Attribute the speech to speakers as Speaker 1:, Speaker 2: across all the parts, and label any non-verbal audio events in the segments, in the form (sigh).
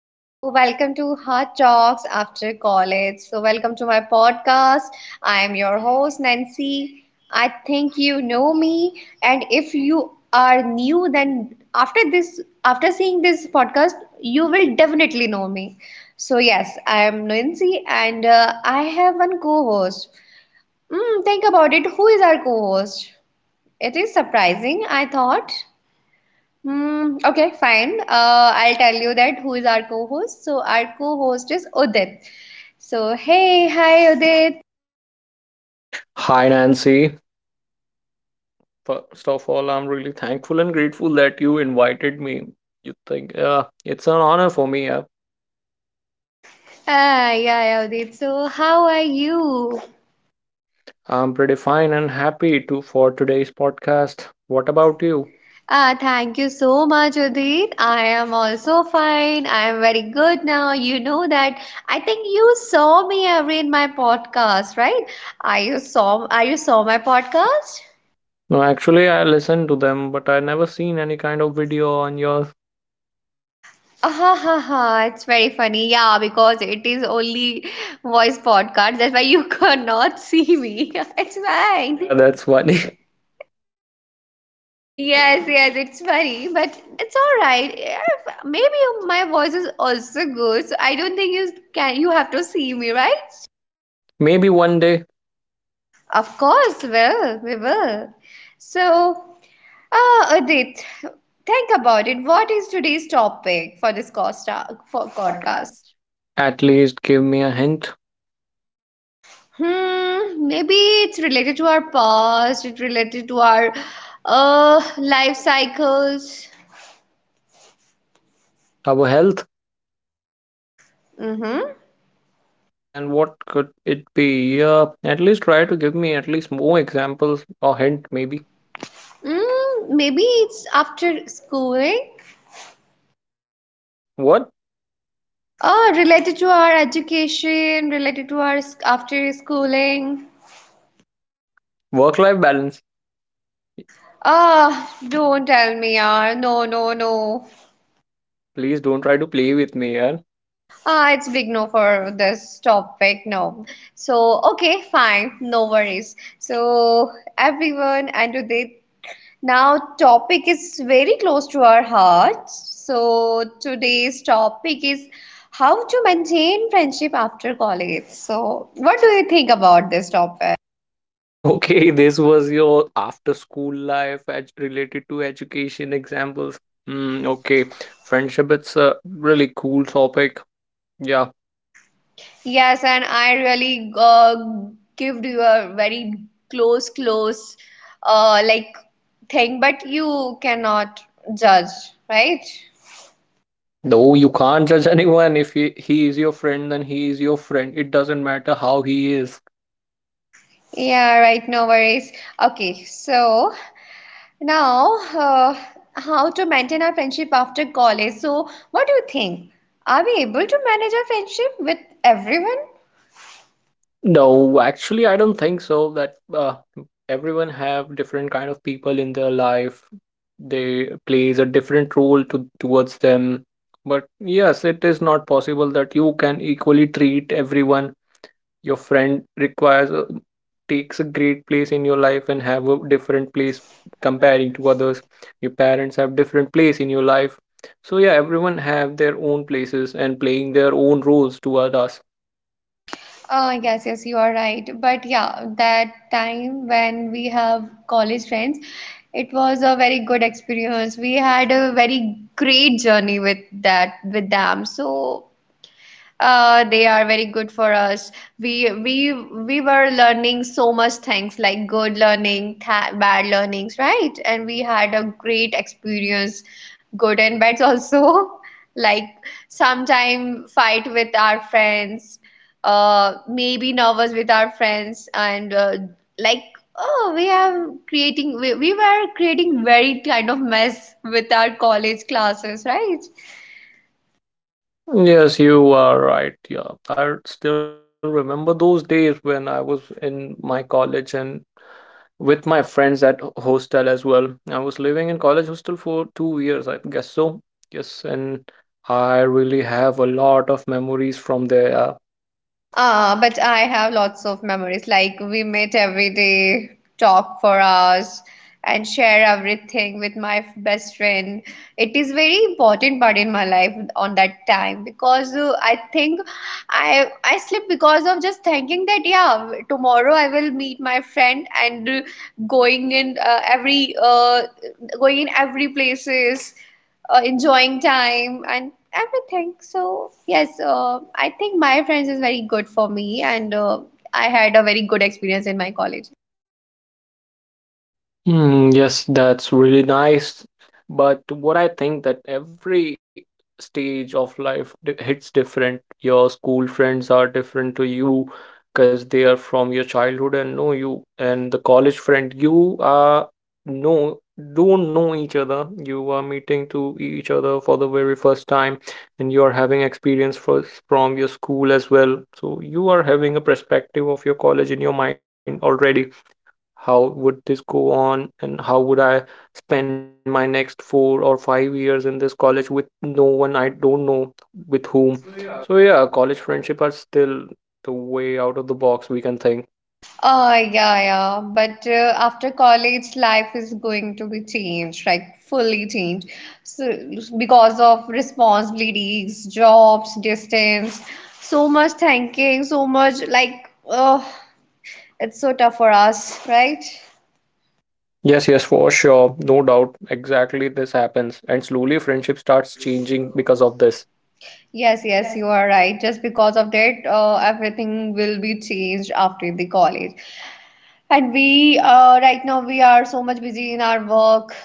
Speaker 1: So, welcome to Hot Talks After College. So, welcome to my podcast. I'm your host, Nancy. I think you know me, and if you are new, then after this, after seeing this podcast, you will definitely know me. So, yes, I'm Nancy, and I have one co host. Mm, think about it. Who is our co host? It is surprising, I thought. Hmm, okay, fine. I'll tell you that who is our co-host. So our co-host is Udit. So hey, hi Udit.
Speaker 2: Hi, Nancy. First of all, I'm really thankful and grateful that you invited me. You think it's an honor for me. Yeah.
Speaker 1: Ah, yeah, yeah, Udit. So how are you?
Speaker 2: I'm pretty fine and happy to for today's podcast. What about you?
Speaker 1: Ah, thank you so much, Udit. I am also fine. I am very good now. You know that. I think you saw me every in my podcast, right? Are you saw? Are you saw my podcast?
Speaker 2: No, actually, I listened to them, but I never seen any kind of video on yours.
Speaker 1: Ha ha ha, it's very funny. Yeah, because it is only voice podcast. That's why you (laughs) cannot see me. (laughs) It's
Speaker 2: Yeah,
Speaker 1: fine.
Speaker 2: that's funny.
Speaker 1: Yes, yes, it's funny, but it's all right. If, maybe my voice is also good, so I don't think you can you have to see me, right?
Speaker 2: (laughs) Maybe one day,
Speaker 1: Of course, will we will. So, ah, Adit, think about it. What is today's topic for this costa for podcast?
Speaker 2: at least give me a hint.
Speaker 1: Hmm, maybe it's related to our past, it's related to our life cycles.
Speaker 2: Our health.
Speaker 1: Mm-hmm.
Speaker 2: Then what could it be? Yeah, at least try to give me at least more examples or hint, maybe.
Speaker 1: Mm, maybe it's after schooling.
Speaker 2: What?
Speaker 1: Oh, related to our education, related to our after schooling.
Speaker 2: Work-life balance.
Speaker 1: Ah, don't tell me, yaar. No, no, no.
Speaker 2: Please don't try to play with me, yaar.
Speaker 1: Ah, it's big no for this topic. No. So, okay, fine. No worries. So, everyone, and today Now, topic is very close to our hearts. So today's topic is how to maintain friendship after college. So, what do you think about this topic?
Speaker 2: (laughs) Okay, this was your after school life ed related to education examples. Hmm, okay. Friendship, it's a really cool topic. Yeah.
Speaker 1: Yes, and I really give you a very close, like thing, but you cannot judge, right?
Speaker 2: No, you can't judge anyone. If he is your friend, then he is your friend. It doesn't matter how he is.
Speaker 1: Yeah, right, no worries. Okay, so Now, uh, how to maintain our friendship after college? So, what do you think? Are we able to manage our friendship with everyone?
Speaker 2: No, actually, I don't think so. That Everyone have different kind of people in their life. They plays a different role to towards them. But yes, it is not possible that you can equally treat everyone. Your friend requires a- Takes a great place in your life and have a different place comparing to others. Your parents have different place in your life. So yeah, everyone have their own places and playing their own roles toward us.
Speaker 1: Yes, yes, you are right. But yeah, that time when we have college friends, it was a very good experience. We had a very great journey with that with them. So they are very good for us. We were learning so much things like good learning, th bad learnings, right? And we had a great experience, good and bad also. (laughs) Like sometime fight with our friends, maybe nervous with our friends, and like oh, we were creating very kind of mess with our college classes, right?
Speaker 2: Yes, you are right. Yeah, I still remember those days when I was in my college and with my friends at hostel as well. I was living in college hostel for 2 years, I guess so. Yes, and I really have a lot of memories from there. Yeah.
Speaker 1: Ah, but I have lots of memories. Like we met every day, talk for hours, and share everything with my best friend. It is very important part in my life on that time because I think I slept because of just thinking that yeah, tomorrow I will meet my friend and going in uh, every uh, going in every places enjoying time and everything. So yes, I think my friends is very good for me, and I had a very good experience in my college.
Speaker 2: Hmm. Yes, that's really nice. But what I think that every stage of hits different. Your school friends are different to you because they are from your childhood and know you. And the college friend, you are no don't know each other. You are meeting to each other for the very first time, and you are having experience first from your school as well. So you are having a perspective of your college in your mind already how would this go on and how would I spend my next 4 or 5 years in this college with no one I don't know with whom. So yeah, college friendship are still the way out of the box we can think.
Speaker 1: Yeah, yeah. But after college, life is going to be changed, like fully changed. So because of responsibilities, jobs, distance, so much thinking, so much like, oh, it's so tough for us, right?
Speaker 2: Yes, yes, for sure. No doubt. Exactly this happens. And slowly friendship starts changing because of this.
Speaker 1: Yes, yes, you are right. Just because of that, everything will be changed after the college. And we, right now, we are so much busy in our work,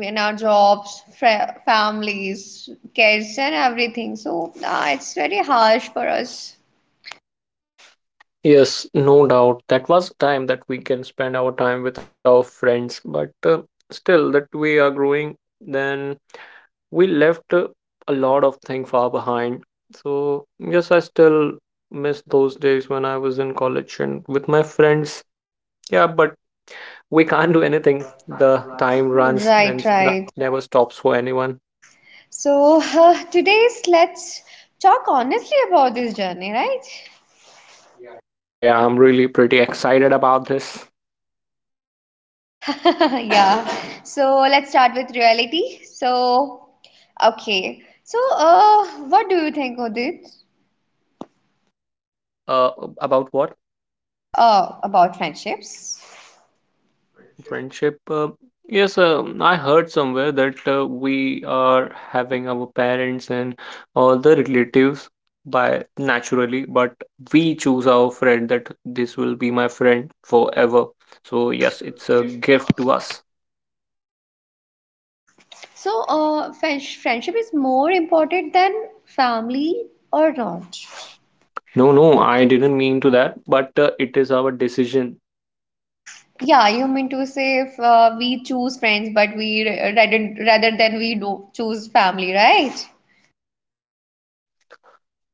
Speaker 1: in our jobs, families, kids, and everything. So, it's very harsh for us.
Speaker 2: Yes, no doubt. That was time that we can spend our time with our friends, but still that we are growing then we left a lot of things far behind. So yes, I still miss those days when I was in college and with my friends. Yeah, but we can't do anything. The time runs and
Speaker 1: Right, right.
Speaker 2: never stops for anyone.
Speaker 1: So, (laughs) today's let's talk honestly about this journey, right?
Speaker 2: Yeah, yeah, I'm really pretty excited about this.
Speaker 1: (laughs) Yeah. So let's start with reality. So, okay. So, what do you think, Udit,
Speaker 2: Uh, about what?
Speaker 1: about friendships?
Speaker 2: Friendship. Yes, I heard somewhere that we are having our parents and all the relatives by naturally, but we choose our friend that this will be my friend forever. So yes, it's a gift to us.
Speaker 1: So, friendship is more important than family or not?
Speaker 2: No, no, I didn't mean to that, but it is our decision.
Speaker 1: Yeah, you mean to say if we choose friends, but we rather than we do choose family, right?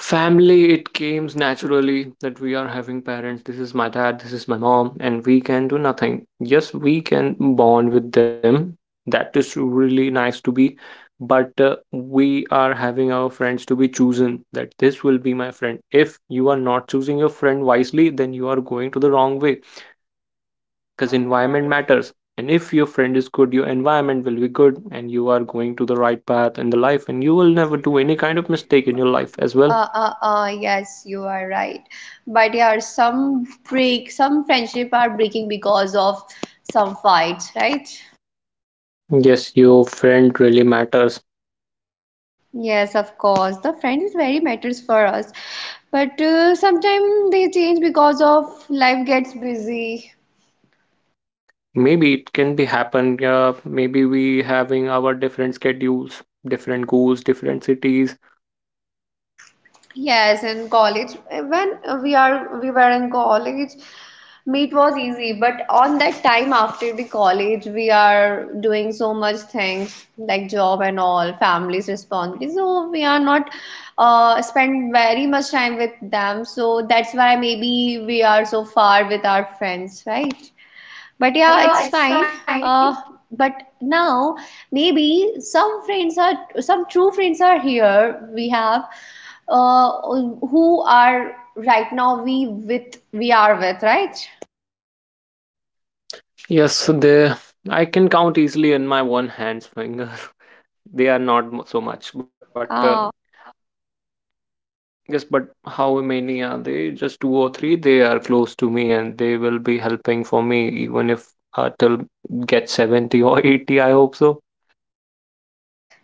Speaker 2: Family, it comes naturally that we are having parents. This is my dad, this is my mom, and we can do nothing. Yes, we can bond with them. That is really nice to be, but we are having our friends to be chosen that this will be my friend. If you are not choosing your friend wisely, then you are going to the wrong way because environment matters. And if your friend is good, your environment will be good, and you are going to the right path in the life, and you will never do any kind of mistake in your life as well.
Speaker 1: Yes, you are right. But yeah, some break, some friendship are breaking because of some fights, right?
Speaker 2: Yes, your friend really matters.
Speaker 1: Yes, of course. The friend is very matters for us. But sometimes they change because of life gets busy.
Speaker 2: Maybe it can be happen. Yeah, maybe we having our different schedules, different goals, different cities.
Speaker 1: Yes, in college, when we were in college, meet was easy, but on that time after the college, we are doing so much things like job and all, family's responsibility. So we are not spend very much time with them. So that's why maybe we are so far with our friends, right? But yeah, it's fine. Uh, but now maybe some friends are some true friends are here. We have who are right now we are with right.
Speaker 2: Yes, they I can count easily in my one hand's fingers. (laughs) They are not so much, but
Speaker 1: Uh,
Speaker 2: yes, but how many are they? Just two or three. They are close to me, and they will be helping for me even if till get 70 or 80 I hope so.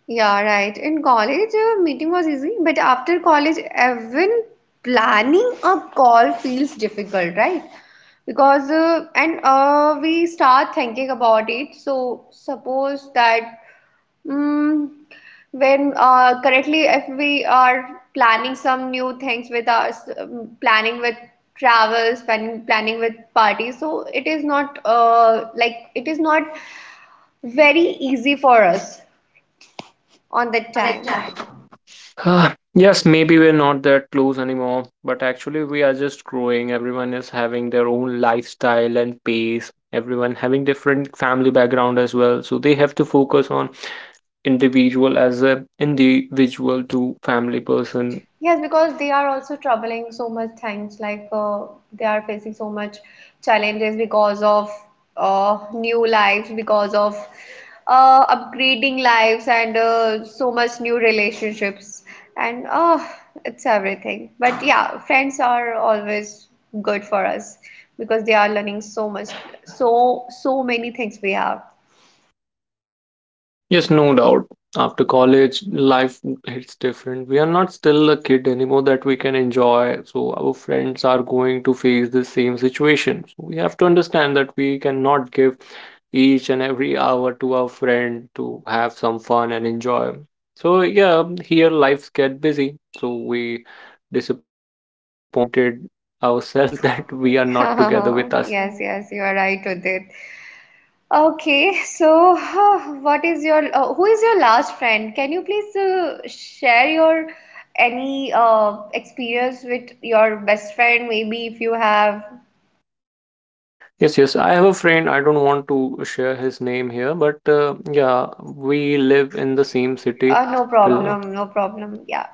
Speaker 1: yeah, right. In college, meeting was easy, but after college, even planning a call feels difficult, right? Because and we start thinking about it so suppose that Mm, when currently if we are planning some new things with us, planning with travels planning with parties so it is not like it is not very easy for us on that time.
Speaker 2: Ah, yes, maybe we're not that close anymore, but actually we are just growing. Everyone is having their own lifestyle and pace. Everyone having different family background as well, so they have to focus on individual as a individual to family person.
Speaker 1: Yes, because they are also troubling so much things, like they are facing so much challenges because of new lives, because of upgrading lives, and so much new relationships, and it's everything. But yeah, friends are always good for us because they are learning so much, so many things we have.
Speaker 2: Yes, no doubt. After college, life hits different. We are not still a kid anymore that we can enjoy. So our friends are going to face the same situation. So we have to understand that we cannot give each and every hour to our friend to have some fun and enjoy. So yeah, here lives get busy. So we disappointed ourselves (laughs) that we are not together with us.
Speaker 1: (laughs) Yes, yes, you are right with it. Okay, so (sighs) what is your who is your last friend? Can you please share your any experience with your best friend? Maybe if you have,
Speaker 2: Yes, yes. I have a friend. I don't want to share his name here, but yeah, we live in the same city
Speaker 1: no
Speaker 2: till now.
Speaker 1: problem, no problem. Yeah.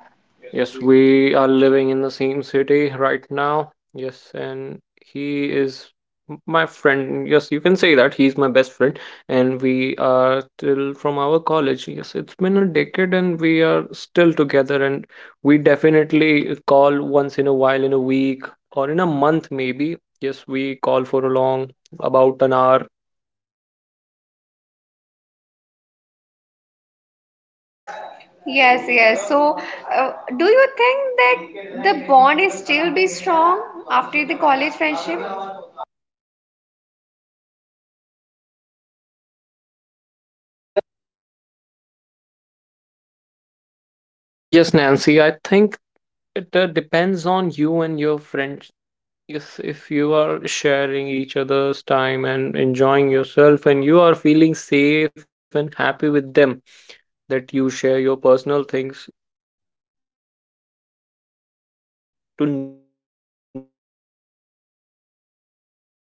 Speaker 2: Yes, we are living in the same city right now. Yes, and he is my friend. Yes, you can say that he's my best friend, and we are still from our college. Yes, it's been a decade, and we are still together, and we definitely call once in a while, in a week or in a month maybe. Yes, we call for a long about an hour.
Speaker 1: Yes, yes. So, uh, do you think that the bond is still be strong after the college friendship?
Speaker 2: Yes, Nancy, I think it depends on you and your friends. Yes, if you are sharing each other's time and enjoying yourself, and you are feeling safe and happy with them, that you share your personal things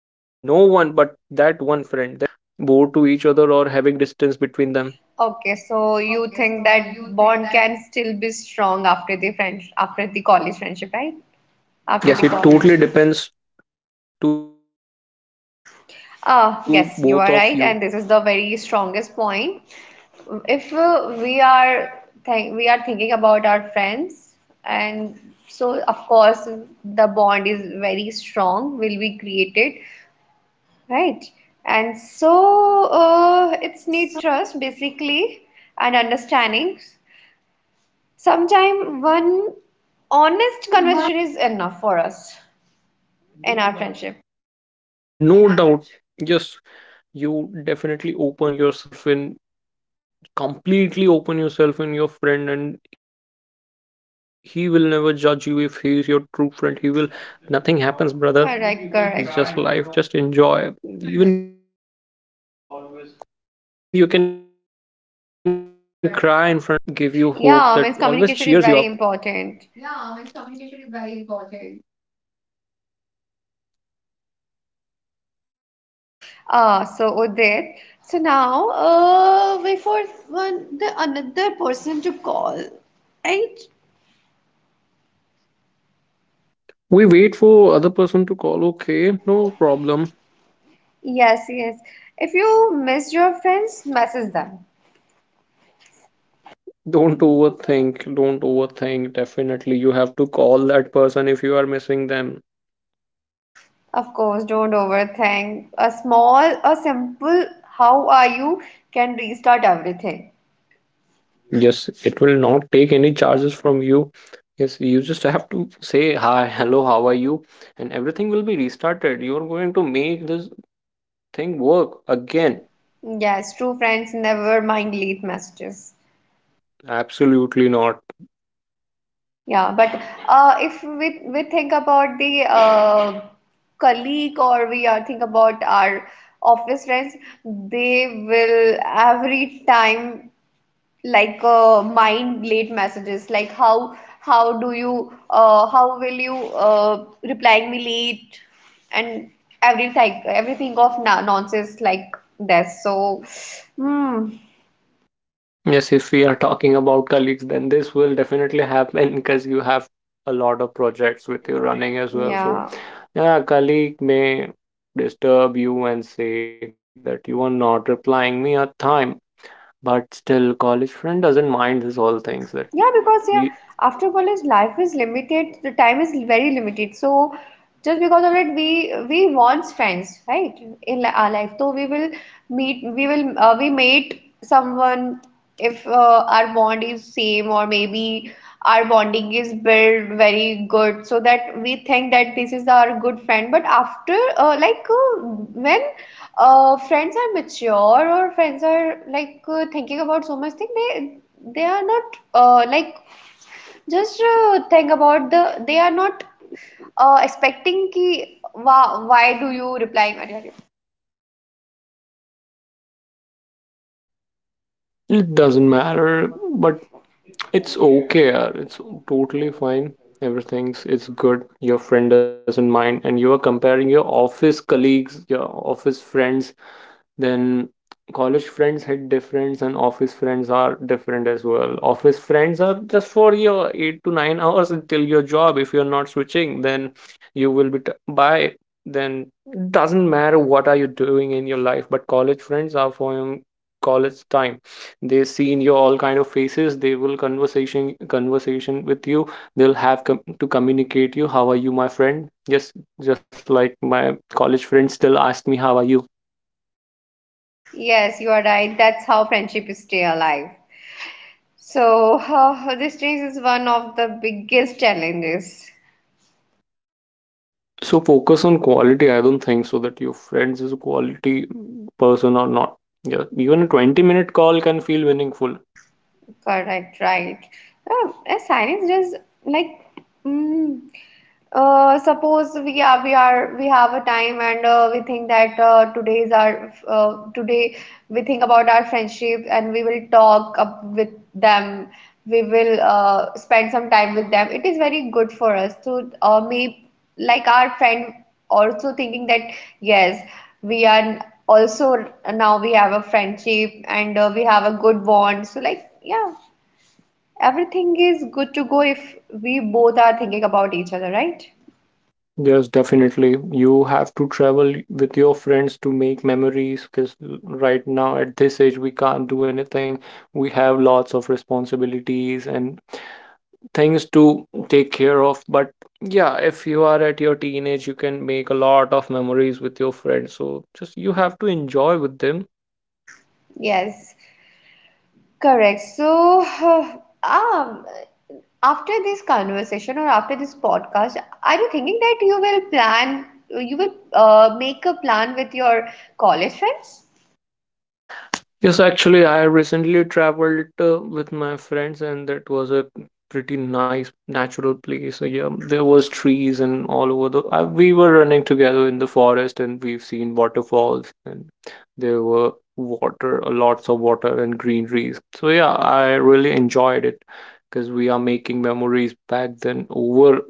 Speaker 2: to no one but that one friend, then yes, I can say that after college, even after college, that is nothing going to happen that you get
Speaker 1: Okay,
Speaker 2: bored to
Speaker 1: so
Speaker 2: each other
Speaker 1: you
Speaker 2: or having
Speaker 1: think
Speaker 2: distance between
Speaker 1: that
Speaker 2: them.
Speaker 1: bond can still be strong after the friends after the college friendship, right? After the
Speaker 2: Yes, it (sighs)
Speaker 1: college.
Speaker 2: totally depends to both of you.
Speaker 1: Ah, yes, you are right, and this is the very strongest point. If we are thinking about our friends, and so of course the bond is very strong, will be created, right? And so it's need trust basically and understanding. Sometimes one honest conversation is enough for us in our
Speaker 2: No
Speaker 1: friendship.
Speaker 2: doubt. Yes, you definitely open yourself in completely open yourself in your friend and he will never judge you if he is your true friend. He will nothing happens, brother. It's just life. Just enjoy.
Speaker 1: Correct,
Speaker 2: Even you
Speaker 1: correct.
Speaker 2: can cry in front of him, but you he will never judge you. He will always give you hope that always cheers you up.
Speaker 1: Yeah, means communication is very important. Ah, so Udit, so now we for one the another person to call, right?
Speaker 2: We wait for other person to call. Okay, no problem.
Speaker 1: Yes, yes. If you miss your friends, message them.
Speaker 2: Don't overthink. Don't overthink. Definitely, you have to call that person if you are missing them.
Speaker 1: Of course, don't overthink. A small, a simple "How are you?" can restart everything.
Speaker 2: Yes, it will not take any charges from you. Yes, you just have to say hi, hello, how are you? And everything will be restarted. You're going to make this thing work again.
Speaker 1: Yes, true friends never mind late messages.
Speaker 2: Absolutely not.
Speaker 1: Yeah, but if we think about the colleague or we are think about our office friends, they will every time like mind late messages like how do you how will you replying me late and everything of na nonsense like that. So, hmm,
Speaker 2: Yes, if we are talking about colleagues, then this will definitely happen because you have a lot of projects with you running as well. So,
Speaker 1: yeah.
Speaker 2: yeah, a colleague may disturb you and say that you are not replying me at time, but still, college friend doesn't mind these all things that
Speaker 1: Yeah, because yeah,
Speaker 2: we
Speaker 1: after college life is limited, the time is very limited. So just because of it, we want friends, right? In our life, so we will meet, we will we meet someone if our bond is same or maybe our bonding is built very good so that we think that this is our good friend but after like when friends are mature or friends are like thinking about so much thing they are not like just think about the they are not expecting ki why do you replying.
Speaker 2: it doesn't matter, but it's okay. It's totally fine. Everything's it's good. Your friend doesn't mind, and you are comparing your office colleagues, your office friends. Then college friends hit different, and office friends are different as well. Office friends are just for your 8 to 9 (laughs) hours until your job. If you're not switching, then you will be by. Then doesn't matter what are you doing in your life. But college friends are for your college time. They see in your all kind of faces. They will conversation with you. They'll have to communicate you. How are you, my friend? Yes, just like my college friends still ask me how are you.
Speaker 1: Yes you are right, that's how friendship is stay alive. So (laughs) this change is one of the biggest challenges.
Speaker 2: So focus on quality. I don't think so that your friends is a quality person or not. Yeah, even a 20-minute call can feel meaningful.
Speaker 1: Correct, right. Science just like mm, suppose we have a time and we think that today we think about our friendship and we will talk up with them. We will spend some time with them. It is very good for us to maybe like our friend also thinking that yes we are also now we have a friendship and we have a good bond so like yeah everything is good to go if we both are thinking about each other, right?
Speaker 2: Yes, definitely. You have to travel with your friends to make memories because right now at this age we can't do anything. We have lots of responsibilities and things to take care of. But yeah, if you are at your teenage, you can make a lot of memories with your friends. So just you have to enjoy with them.
Speaker 1: Yes correct. So (sighs) um after this conversation or after this podcast are you thinking that you will plan you will make a plan with your college friends.
Speaker 2: Yes, actually, I recently traveled with my friends, and that was a pretty nice natural place. So, yeah, there was trees and all over the. We were running together in the forest, and we've seen waterfalls, and there were water, lots of water and greeneries. So yeah, I really enjoyed it because we are making memories back then over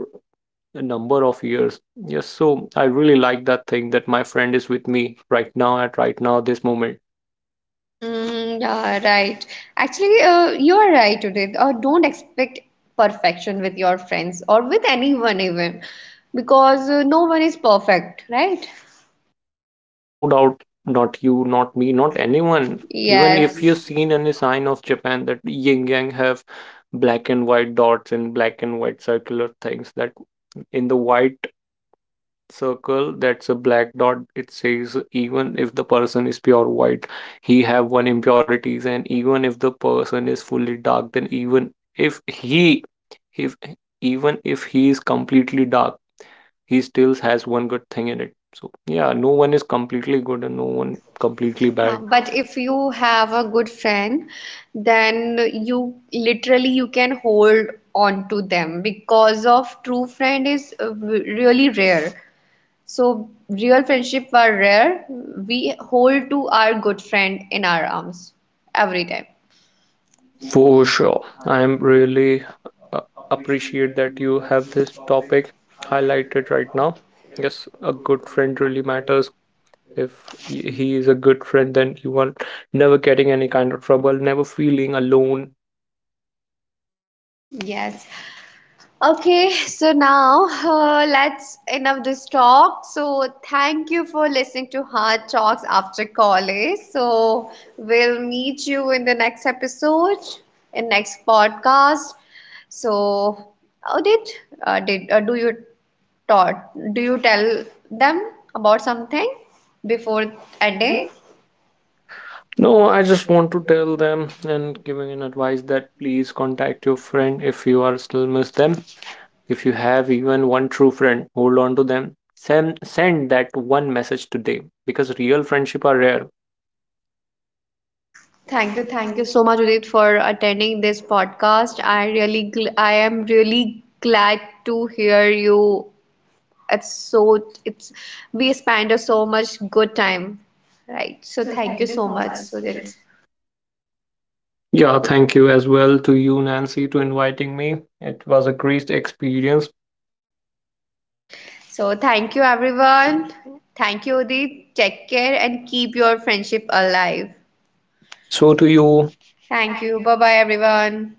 Speaker 2: a number of years. Yes, so I really like that thing that my friend is with me right now at right now this moment.
Speaker 1: Mm, yeah, right. Actually, you are right, Udit. Don't expect perfection with your friends or with anyone, even because no one is perfect, right?
Speaker 2: No doubt, not you, not me, not anyone. Even if, yes,
Speaker 1: Yes.
Speaker 2: you've seen any sign of Japan that yin yang have black and white dots and black and white circular things, that in the white circle that's a black dot it says even if the person is pure white he have one impurities and even if the person is fully dark then even if he if even if he is completely dark he still has one good thing in it. So yeah, no one is completely good and no one completely bad.
Speaker 1: But if you have a good friend, then you literally you can hold on to them because of true friend is really rare. So real friendship are rare. We hold to our good friend in our arms every time.
Speaker 2: For sure. I'm really uh, appreciate that you have this topic highlighted right now. Yes, a good friend really matters. If he is a good friend, then you are never getting any kind of trouble, never feeling alone.
Speaker 1: Yes. Okay, so now let's enough this talk. So thank you for listening to Hard Talks after college. So we'll meet you in the next episode, in next podcast. So how did uh, did uh, do you taught do you tell them about something before ending?
Speaker 2: No, I just want to tell them and giving an advice that please contact your friend if you are still miss them. If you have even one true friend, hold on to them. Send that one message today because real friendship are rare.
Speaker 1: Thank you so much, Udit, for attending this podcast. I really, gl I am really glad to hear you. It's so, it's we spent a so much good time, right? So thank you so much, Udit.
Speaker 2: Yeah, thank you as well to you, Nancy, to inviting me. It was a great experience.
Speaker 1: So thank you, everyone. Thank you, Udit. Take care and keep your friendship alive.
Speaker 2: So to you,
Speaker 1: Thank you. Bye bye, everyone.